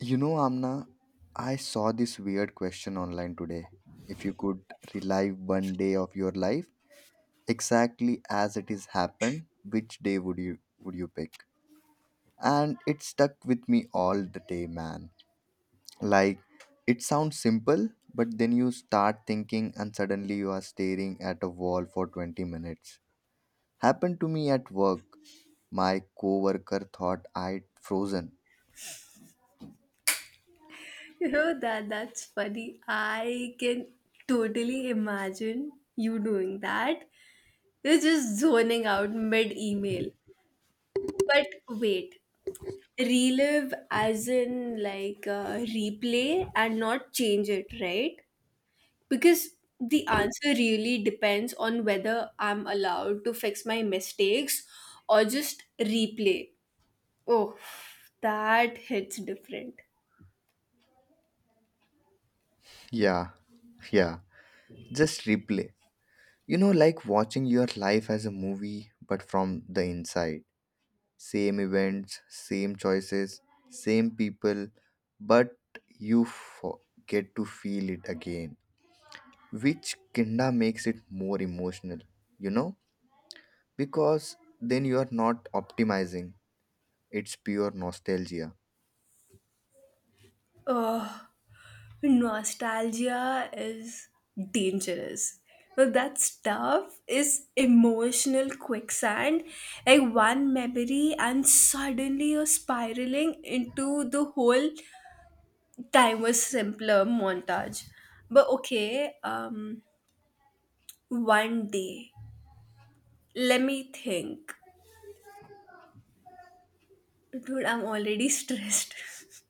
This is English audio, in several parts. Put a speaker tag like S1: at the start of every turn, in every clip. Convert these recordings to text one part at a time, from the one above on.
S1: You know, Amna, I saw this weird question online today. If you could relive one day of your life exactly as it has happened, which day would you pick? And it stuck with me all the day, man. Like, it sounds simple, but then you start thinking and suddenly you are staring at a wall for 20 minutes. Happened to me at work. My coworker thought I'd frozen.
S2: You know that's funny. I can totally imagine you doing that. You're just zoning out mid email. But wait, relive as in like replay and not change it, right? Because the answer really depends on whether I'm allowed to fix my mistakes or just replay. Oh, that hits different.
S1: Yeah. Yeah. Just replay. You know, like watching your life as a movie, but from the inside. Same events, same choices, same people, but you fo- get to feel it again, which kinda makes it more emotional, you know, because then you are not optimizing, it's pure nostalgia.
S2: Oh, nostalgia is dangerous. Well, that stuff is emotional quicksand. Like one memory, and suddenly you're spiraling into the whole time was simpler montage. But okay, one day, let me think. Dude, I'm already stressed.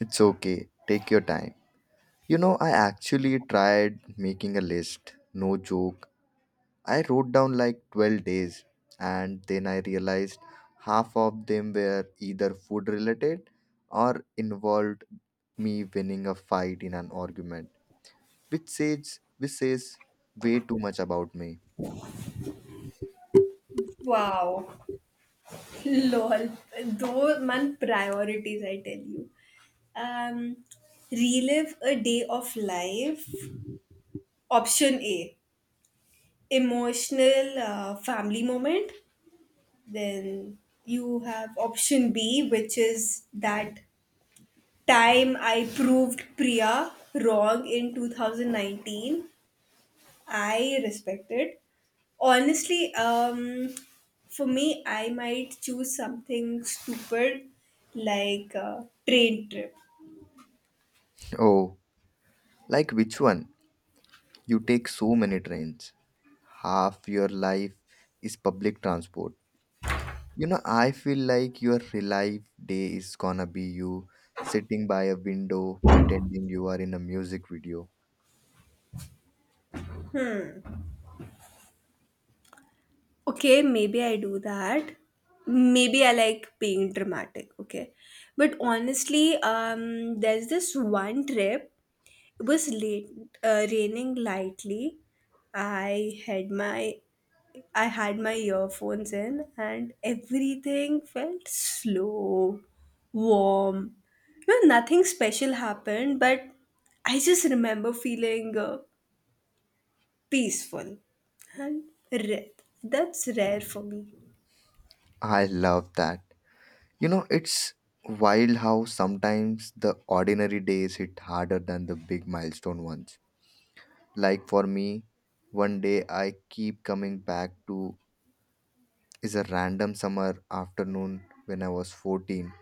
S1: It's okay, take your time. You know, I actually tried making a list, no joke, I wrote down like 12 days and then I realized half of them were either food related or involved me winning a fight in an argument, which says way too much about me.
S2: Wow. Lol, though man, priorities, I tell you. Um, Relive a day of life. Option A, emotional family moment. Then you have option B, which is that time I proved Priya wrong in 2019. I respect it. Honestly, for me, I might choose something stupid like a train trip.
S1: Oh, like which one? You take so many trains. Half your life is public transport. You know, I feel like your real life day is gonna be you sitting by a window pretending you are in a music video.
S2: Okay, maybe I do that. Maybe I like being dramatic. Okay, but honestly, there's this one trip. It was late, raining lightly. I had my I had my earphones in and everything felt slow, warm. You know, nothing special happened, but I just remember feeling peaceful and rare. That's rare for me.
S1: I love that. You know, it's wild how sometimes the ordinary days hit harder than the big milestone ones. Like for me, one day I keep coming back to is a random summer afternoon when I was 14.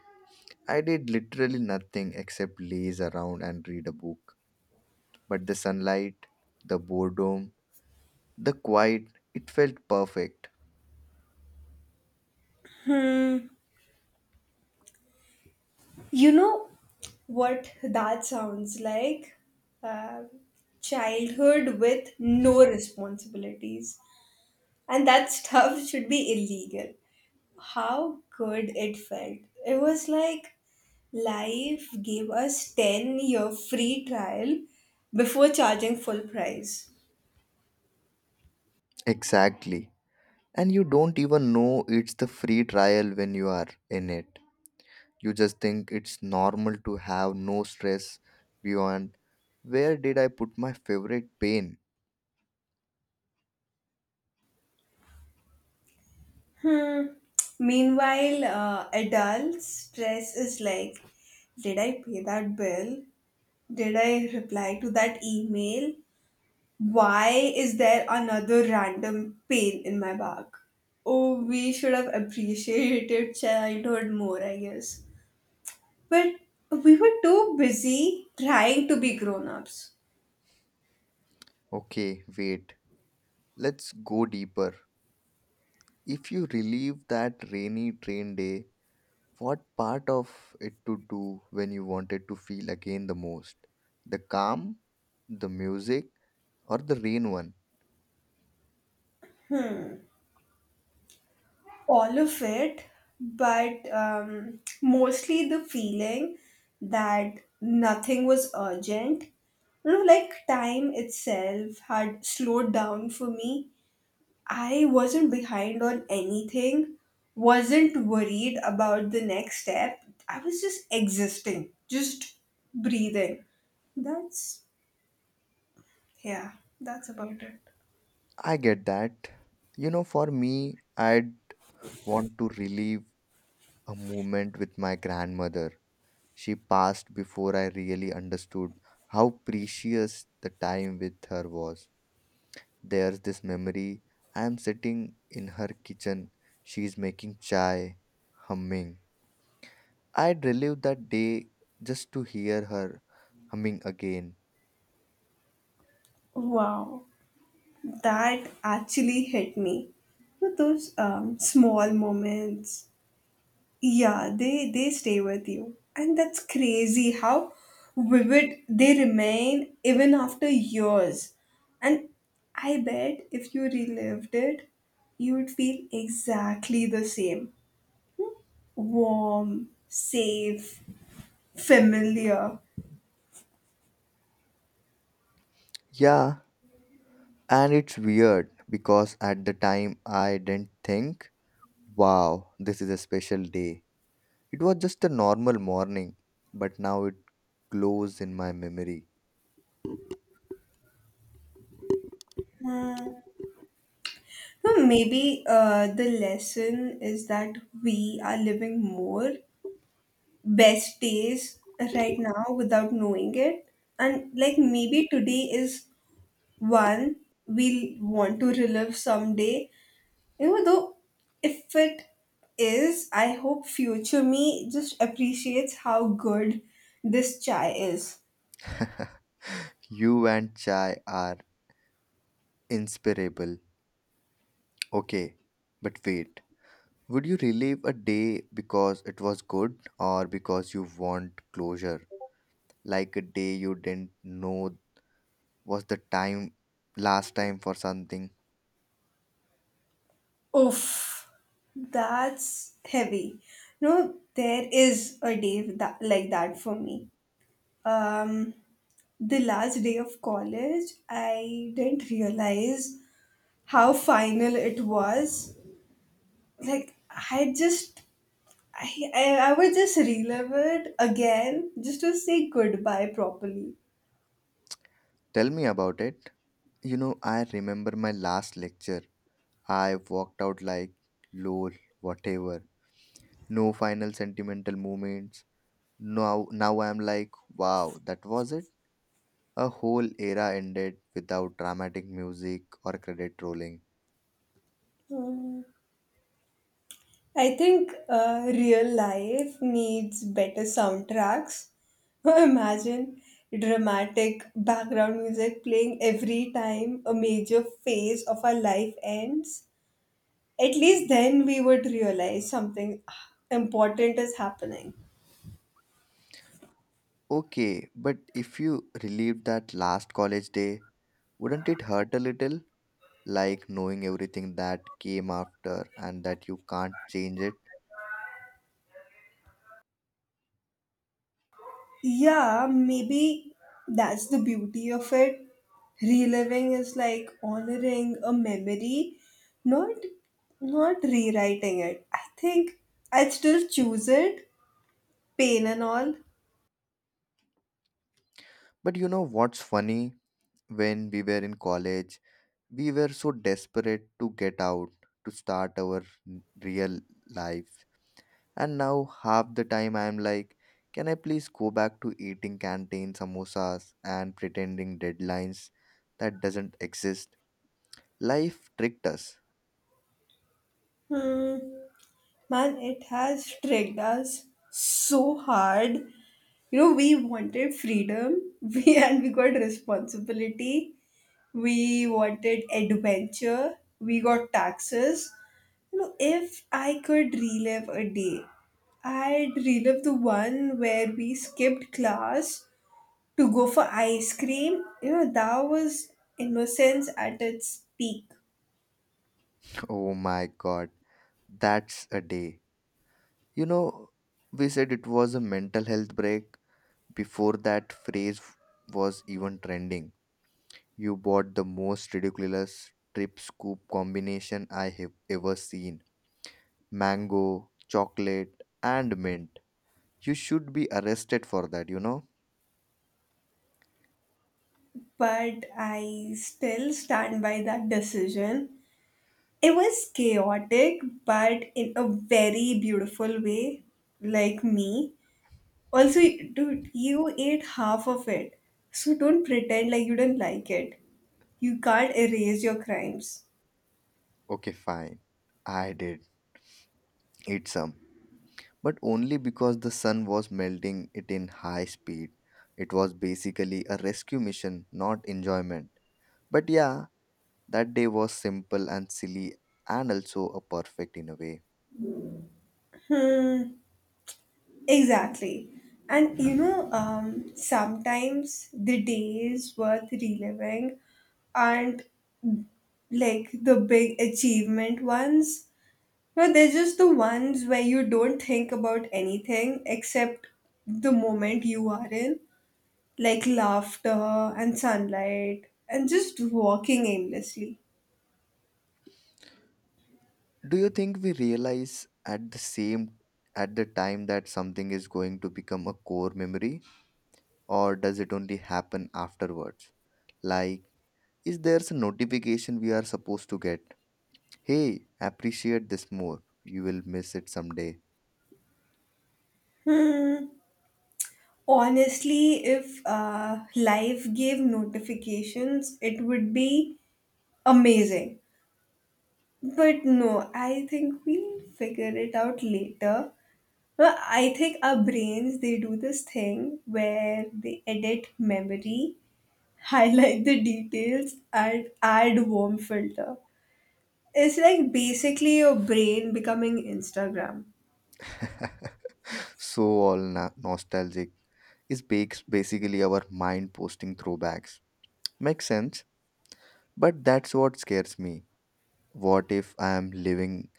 S1: I did literally nothing except laze around and read a book. But the sunlight, the boredom, the quiet, it felt perfect.
S2: You know what that sounds like? Uh, Childhood with no responsibilities. And that stuff should be illegal. How good it felt. It was like life gave us 10-year free trial before charging full price.
S1: Exactly. And you don't even know it's the free trial when you are in it. You just think it's normal to have no stress beyond, where did I put my favorite pain?
S2: Hmm. Meanwhile, adult stress is like, did I pay that bill? Did I reply to that email? Why is there another random pain in my back? Oh, we should have appreciated childhood more, I guess. But we were too busy trying to be grown ups.
S1: Okay, wait, let's go deeper. If you relieve that rainy train day, what part of it to do when you wanted to feel again the most? The calm, the music, or the rain one?
S2: All of it, but mostly the feeling that nothing was urgent. You know, like time itself had slowed down for me. I wasn't behind on anything, wasn't worried about the next step. I was just existing, just breathing. That's, yeah, that's about it.
S1: I get that. You know, for me, I'd want to relive a moment with my grandmother. She passed before I really understood how precious the time with her was. There's this memory. I am sitting in her kitchen. She is making chai, humming. I'd relive that day just to hear her humming again.
S2: Wow, that actually hit me. So those small moments, yeah, they stay with you, and that's crazy how vivid they remain even after years. And I bet if you relived it, you would feel exactly the same: warm, safe, familiar.
S1: Yeah, and it's weird because at the time I didn't think, wow, this is a special day. It was just a normal morning, but now it glows in my memory.
S2: Hmm. So maybe the lesson is that we are living more best days right now without knowing it. And like maybe today is one we'll want to relive someday. You know, though, if it is, I hope future me just appreciates how good this chai is.
S1: You and Chai are inseparable. Okay, but wait. Would you relive a day because it was good or because you want closure? Like a day you didn't know was the time last time for something.
S2: Oof, that's heavy. No, there is a day that, like that for me. Um, the last day of college, I didn't realize how final it was. Like I, I, I would just relive it again just to say goodbye properly.
S1: Tell me about it. You know, I remember my last lecture. I walked out like, lol, whatever. No final sentimental moments. Now I'm like, wow, that was it. A whole era ended without dramatic music or credit rolling.
S2: I think real life needs better soundtracks. Imagine dramatic background music playing every time a major phase of our life ends. At least then we would realize something important is happening.
S1: Okay, but if you relived that last college day, wouldn't it hurt a little? Like, knowing everything that came after and that you can't change it.
S2: Yeah, maybe that's the beauty of it. Reliving is like honoring a memory, not not rewriting it. I think I'd still choose it, pain and all.
S1: But you know what's funny? When we were in college, we were so desperate to get out, to start our real life. And now half the time I'm like, can I please go back to eating canteen samosas and pretending deadlines that doesn't exist? Life tricked us.
S2: Hmm. Man, it has tricked us so hard. You know, we wanted freedom, we and we got responsibility. We wanted adventure. We got taxes. You know, if I could relive a day, I'd relive the one where we skipped class to go for ice cream. You know, that was innocence at its peak.
S1: Oh my god, that's a day. You know, we said it was a mental health break before that phrase was even trending. You bought the most ridiculous trip scoop combination I have ever seen. Mango, chocolate, and mint. You should be arrested for that, you know?
S2: But I still stand by that decision. It was chaotic, but in a very beautiful way, like me. Also, dude, you ate half of it. So don't pretend like you don't like it. You can't erase your crimes.
S1: Okay, fine. I did eat some, but only because the sun was melting it in high speed. It was basically a rescue mission, not enjoyment. But yeah, that day was simple and silly and also a perfect in a way.
S2: Hmm, exactly. And sometimes the day is worth reliving, and like the big achievement ones. No, they're just the ones where you don't think about anything except the moment you are in, like laughter and sunlight and just walking aimlessly.
S1: Do you think we realize at the time that something is going to become a core memory, or does it only happen afterwards? Like, is there a notification we are supposed to get? Hey, appreciate this more. You will miss it someday.
S2: Hmm. Honestly, if life gave notifications, it would be amazing. But no, I think we'll figure it out later. Well, I think our brains they do this thing where they edit memory, highlight the details, and add warm filter. It's like basically your brain becoming Instagram.
S1: So all nostalgic is bakes basically our mind posting throwbacks. Makes sense, but that's what scares me. What if I am living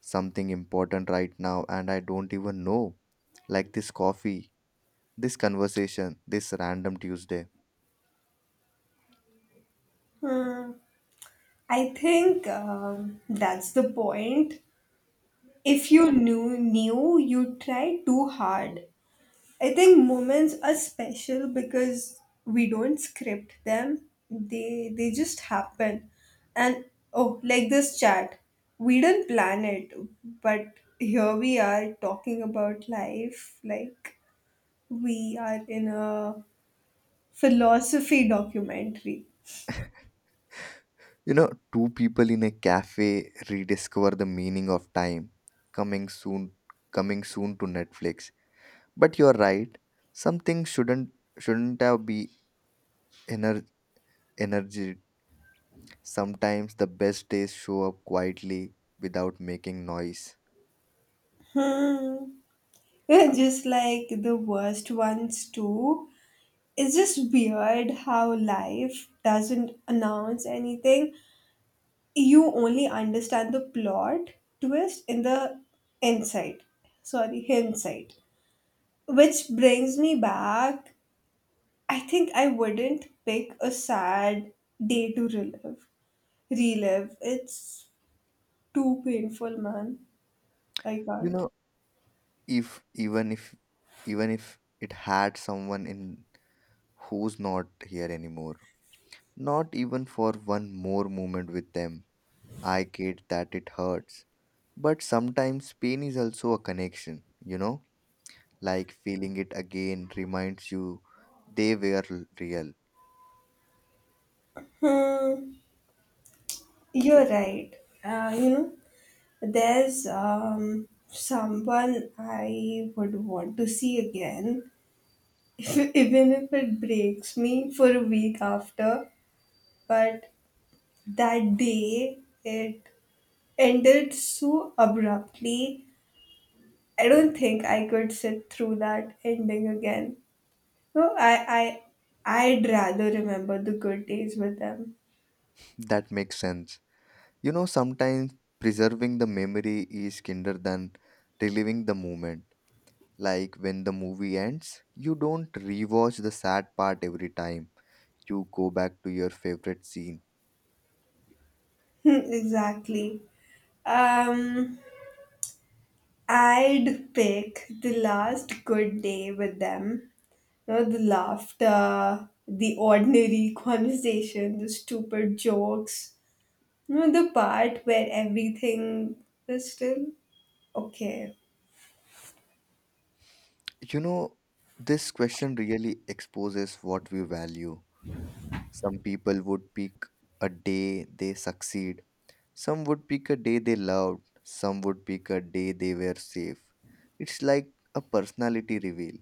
S1: something important right now and I don't even know? Like this coffee, this conversation, this random Tuesday.
S2: Hmm, I think that's the point. If you knew you try too hard. I think moments are special because we don't script them. They just happen. And oh, like this chat. We didn't plan it, but here we are talking about life like we are in a philosophy documentary.
S1: You know, two people in a cafe rediscover the meaning of time. Coming soon, coming soon to Netflix. But you're right. Some things shouldn't have be ener- energy. Sometimes the best days show up quietly without making noise.
S2: Hmm. Just like the worst ones too. It's just weird how life doesn't announce anything. You only understand the plot twist in the insight. Sorry, hindsight. Which brings me back. I think I wouldn't pick a sad day to relive. It's too painful, man. I
S1: You
S2: can't.
S1: know, if if even if it had someone in who's not here anymore, not even for one more moment with them. I get that it hurts, but sometimes pain is also a connection. You know, like feeling it again reminds you they were real.
S2: Hmm. You're right. You know, there's someone I would want to see again, even if it breaks me for a week after. But that day, it ended so abruptly. I don't think I could sit through that ending again. No, I'd rather remember the good days with them.
S1: That makes sense. You know, sometimes preserving the memory is kinder than reliving the moment. Like when the movie ends, you don't rewatch the sad part every time. You go back to your favorite scene.
S2: Exactly. Um, I'd pick the last good day with them. You know, the laughter, the ordinary conversation, the stupid jokes. You know, the part where everything is still okay.
S1: You know, this question really exposes what we value. Some people would pick a day they succeed, some would pick a day they loved, some would pick a day they were safe. It's like a personality reveal.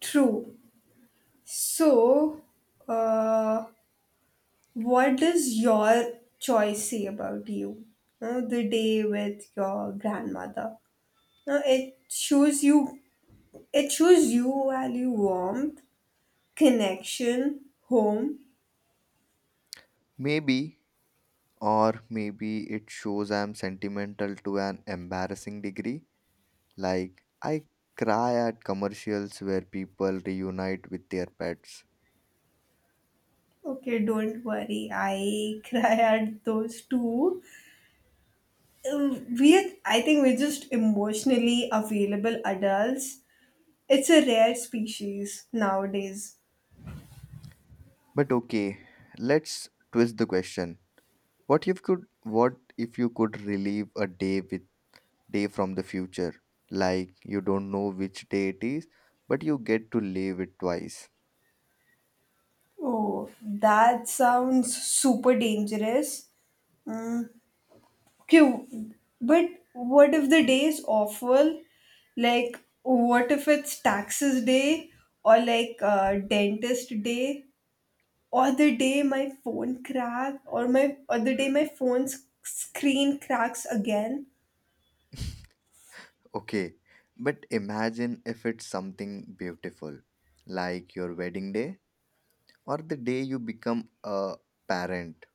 S2: True. So, uh, what does your choice say about you? The day with your grandmother. Uh, it shows you. It shows you value warmth, connection, home.
S1: Maybe. Or maybe it shows I'm sentimental to an embarrassing degree. Like, I cry at commercials where people reunite with their pets.
S2: Okay, don't worry. I cry at those too. I think we're just emotionally available adults. It's a rare species nowadays.
S1: But okay, let's twist the question. What if you could relive a day with day from the future? Like, you don't know which day it is, but you get to live it twice.
S2: Oh, that sounds super dangerous. Mm, okay, but what if the day is awful? Like, what if it's taxes day or like dentist day? Or the day my phone crack or my or the day my phone's screen cracks again.
S1: Okay, but imagine if it's something beautiful, like your wedding day or the day you become a parent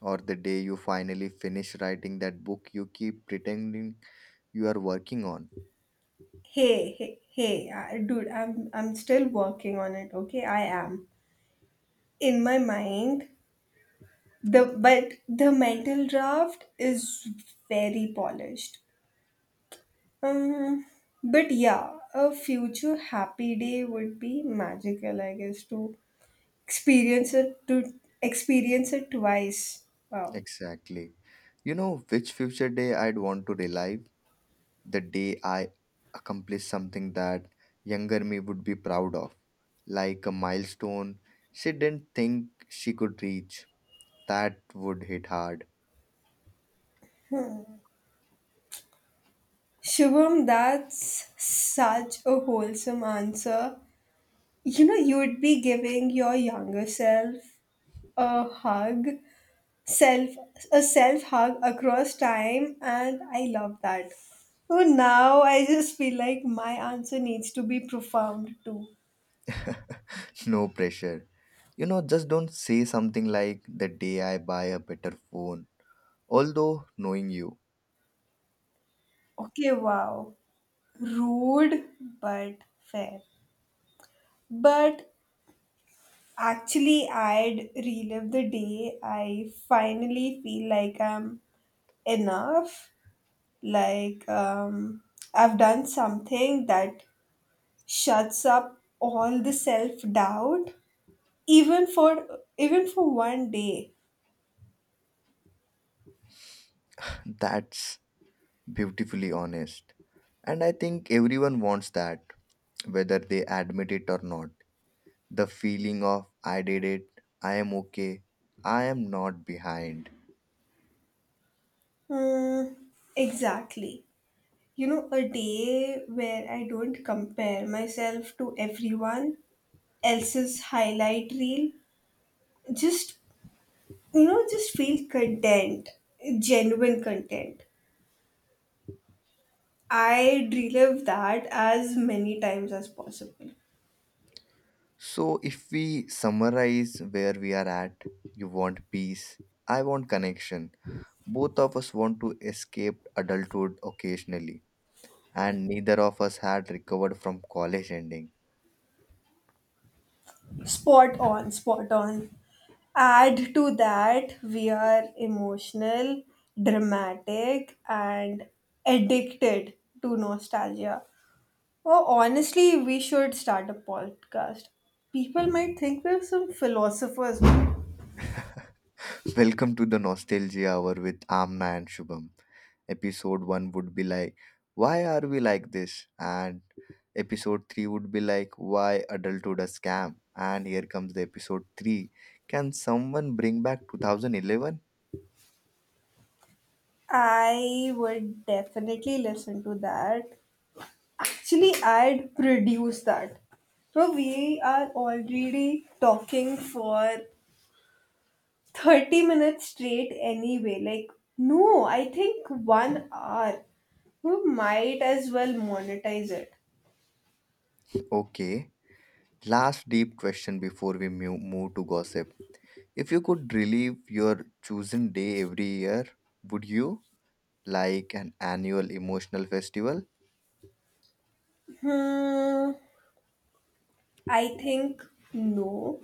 S1: or the day you finally finish writing that book you keep pretending you are working on.
S2: Hey, hey, hey, dude, I'm still working on it, okay? I am in my mind. The mental draft is very polished. um but yeah, a future happy day would be magical, I guess, to experience it to experience it twice. Wow.
S1: Exactly. You know which future day I'd want to relive? The day I accomplish something that younger me would be proud of, like a milestone she didn't think she could reach. That would hit hard.
S2: Shubham, that's such a wholesome answer. You know, you'd be giving your younger self a hug, self a self hug across time, and I love that. So now I just feel like my answer needs to be profound too.
S1: No pressure, you know, just don't say something like the day I buy a better phone. Although, knowing you.
S2: Okay, wow. Rude but fair. But actually, I'd relive the day I finally feel like I'm enough. Like, I've done something that shuts up all the self doubt, even for one day.
S1: That's beautifully honest. And I think everyone wants that, whether they admit it or not. The feeling of, I did it, I am okay, I am not behind.
S2: Hmm, exactly. You know, a day where I don't compare myself to everyone else's highlight reel. Just just feel content, genuine content. I relive that as many times as possible.
S1: So, if we summarize where we are at, you want peace, I want connection. Both of us want to escape adulthood occasionally, and neither of us had recovered from college ending.
S2: Spot on, spot on. Add to that, we are emotional, dramatic, and addicted to nostalgia. Oh, honestly, we should start a podcast. People might think we're some philosophers.
S1: Welcome to the Nostalgia Hour with Amna and Shubham. Episode 1 would be like, why are we like this? And episode 3 would be like, why adulthood a scam? And here comes the episode 3. Can someone bring back 2011?
S2: I would definitely listen to that. Actually, I'd produce that. So we are already talking for 30 minutes straight anyway. Like, no, I think one hour. We might as well monetize it.
S1: Okay. Last deep question before we move to gossip. If you could relive your chosen day every year, would you? Like an annual emotional festival?
S2: Hmm, I think no,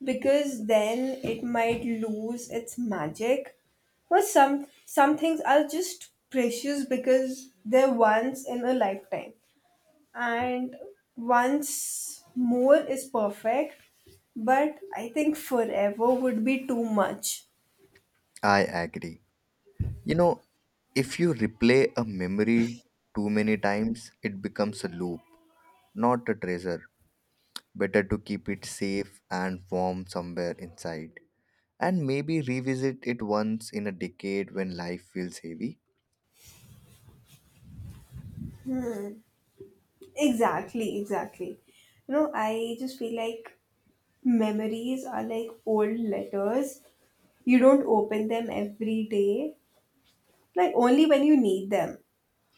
S2: because then it might lose its magic. Or some things are just precious because they're once in a lifetime. And once more is perfect, but I think forever would be too much.
S1: I agree. You know, if you replay a memory too many times, it becomes a loop, not a treasure. Better to keep it safe and warm somewhere inside. And maybe revisit it once in a decade when life feels heavy.
S2: Exactly, exactly. You know, I just feel like memories are like old letters. You don't open them every day, like only when you need them,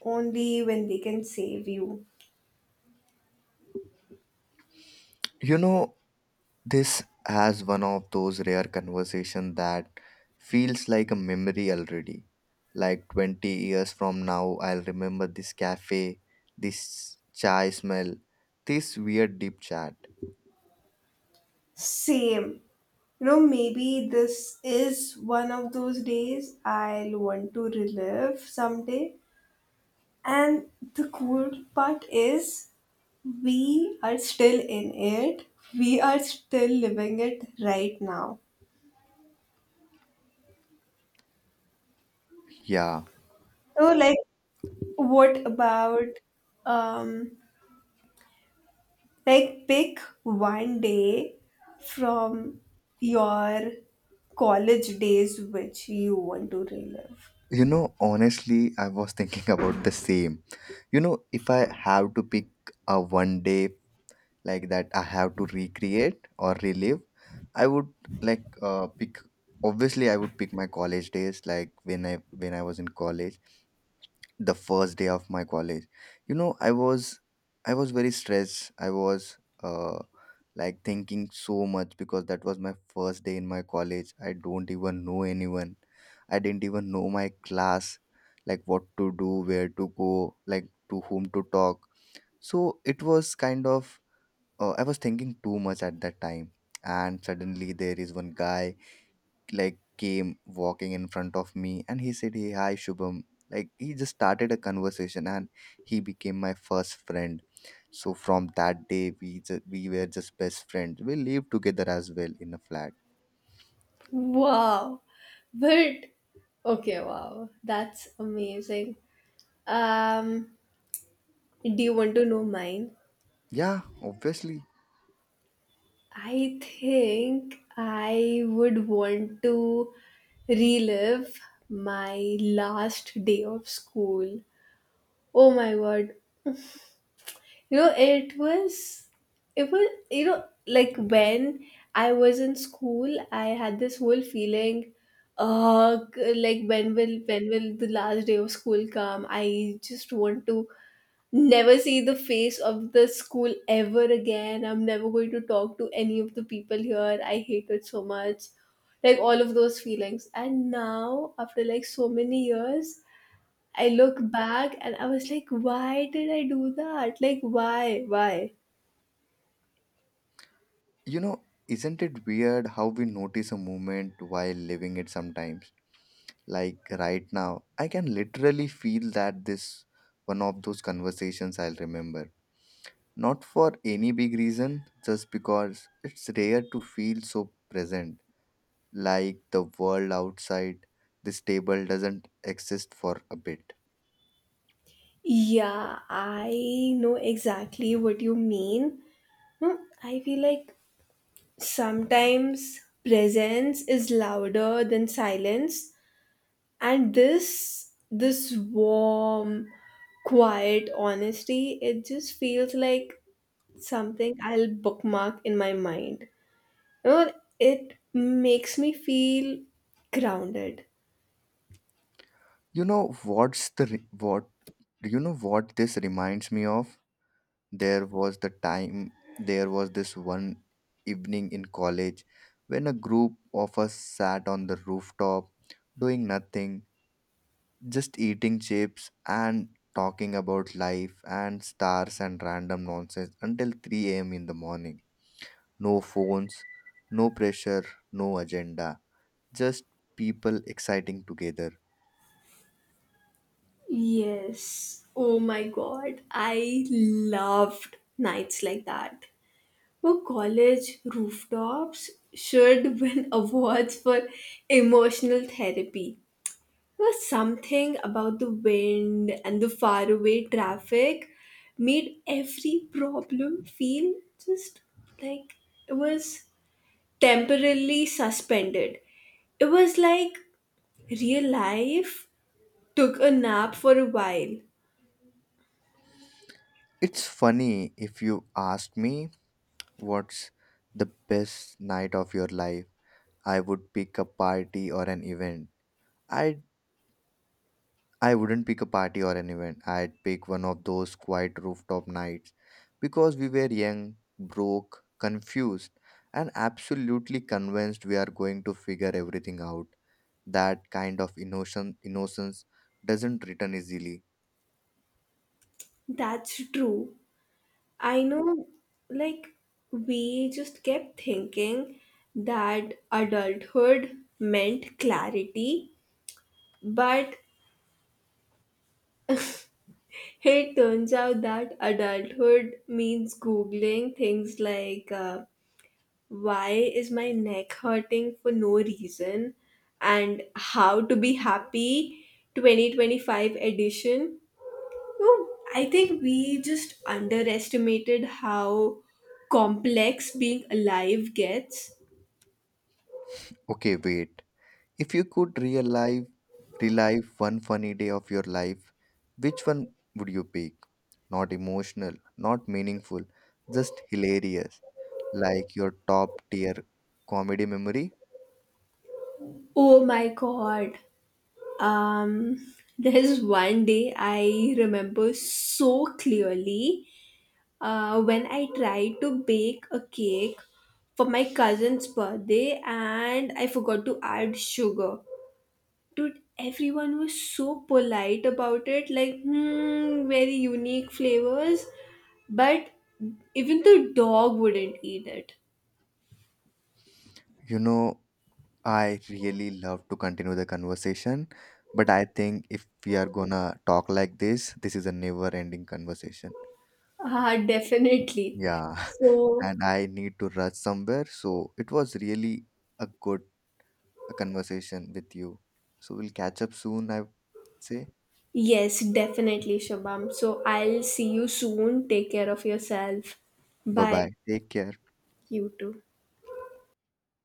S2: only when they can save you.
S1: You know, this has one of those rare conversations that feels like a memory already. Like 20 years from now, I'll remember this cafe, this chai smell, this weird deep chat.
S2: Same. You know, maybe this is one of those days I'll want to relive someday. And the cool part is, we are still in it. We are still living it right now.
S1: Yeah.
S2: Oh, like, what about um like pick one day from your college days which you want to relive?
S1: You know, honestly, I was thinking about the same. You know, if I have to pick a one day like that I have to recreate or relive, I would like, pick, obviously I would pick my college days, like when I was in college, the first day of my college. You know, I was very stressed. I was, uh like, thinking so much because that was my first day in my college, I don't even know anyone, I didn't even know my class, like what to do, where to go, like to whom to talk. So it was kind of, I was thinking too much at that time. And suddenly there is one guy, like, came walking in front of me and he said, hey, hi Shubham, like he just started a conversation and he became my first friend. So from that day we were just best friends, we lived together as well in a flat.
S2: Wow. But okay, wow. That's amazing. Um do you want to know mine?
S1: Yeah, obviously.
S2: I think I would want to relive my last day of school. Oh my god, you know, like when I was in school, I had this whole feeling, uh, like when will the last day of school come? I just want to never see the face of the school ever again. I'm never going to talk to any of the people here. I hate it so much. Like all of those feelings. And now, after like so many years, I look back and I was like, why did I do that? Like, why? Why?
S1: You know, isn't it weird how we notice a moment while living it sometimes? Like right now I can literally feel that this one of those conversations I'll remember. Not for any big reason, just because it's rare to feel so present, like the world outside this table doesn't exist for a bit.
S2: Yeah, I know exactly what you mean. No, I feel like sometimes presence is louder than silence, and this warm, quiet honesty, it just feels like something I'll bookmark in my mind. You know, it makes me feel grounded.
S1: You know, what's the re- what do you know what this reminds me of? There was the time, there was this one evening in college when a group of us sat on the rooftop doing nothing, just eating chips and talking about life and stars and random nonsense until 3 a.m. in the morning. No phones, no pressure, no agenda, just people exciting together.
S2: Yes. Oh my god, I loved nights like that. Where college rooftops should win awards for emotional therapy. There was something about the wind and the faraway traffic made every problem feel just like it was temporarily suspended. It was like real life took a nap for a while.
S1: It's funny, if you asked me what's the best night of your life, I would pick a party or an event. I I wouldn't pick a party or an event. I'd pick one of those quiet rooftop nights because we were young, broke, confused, and absolutely convinced we are going to figure everything out. That kind of innocent innocence doesn't return easily.
S2: That's true. I know, like, we just kept thinking that adulthood meant clarity, but it turns out that adulthood means Googling things like, why is my neck hurting for no reason? And How to Be Happy 2025 edition. No, I think we just underestimated how complex being alive gets.
S1: Okay, wait. If you could relive one funny day of your life, which one would you pick? Not emotional, not meaningful, just hilarious, like your top tier comedy memory.
S2: Oh my god. Um there's one day I remember so clearly when I tried to bake a cake for my cousin's birthday and I forgot to add sugar. Dude, everyone was so polite about it, like, hmm, very unique flavors. But even the dog wouldn't eat it.
S1: You know, I really love to continue the conversation, but I think if we are gonna talk like this is a never ending conversation.
S2: Ah, definitely.
S1: Yeah.
S2: So,
S1: And I need to rush somewhere. So it was really a good conversation with you. So we'll catch up soon, I would say.
S2: yes, definitely, Shabam. So, I'll see you soon. Take care of yourself.
S1: Bye
S2: Bye.
S1: bye. Take care.
S2: You too.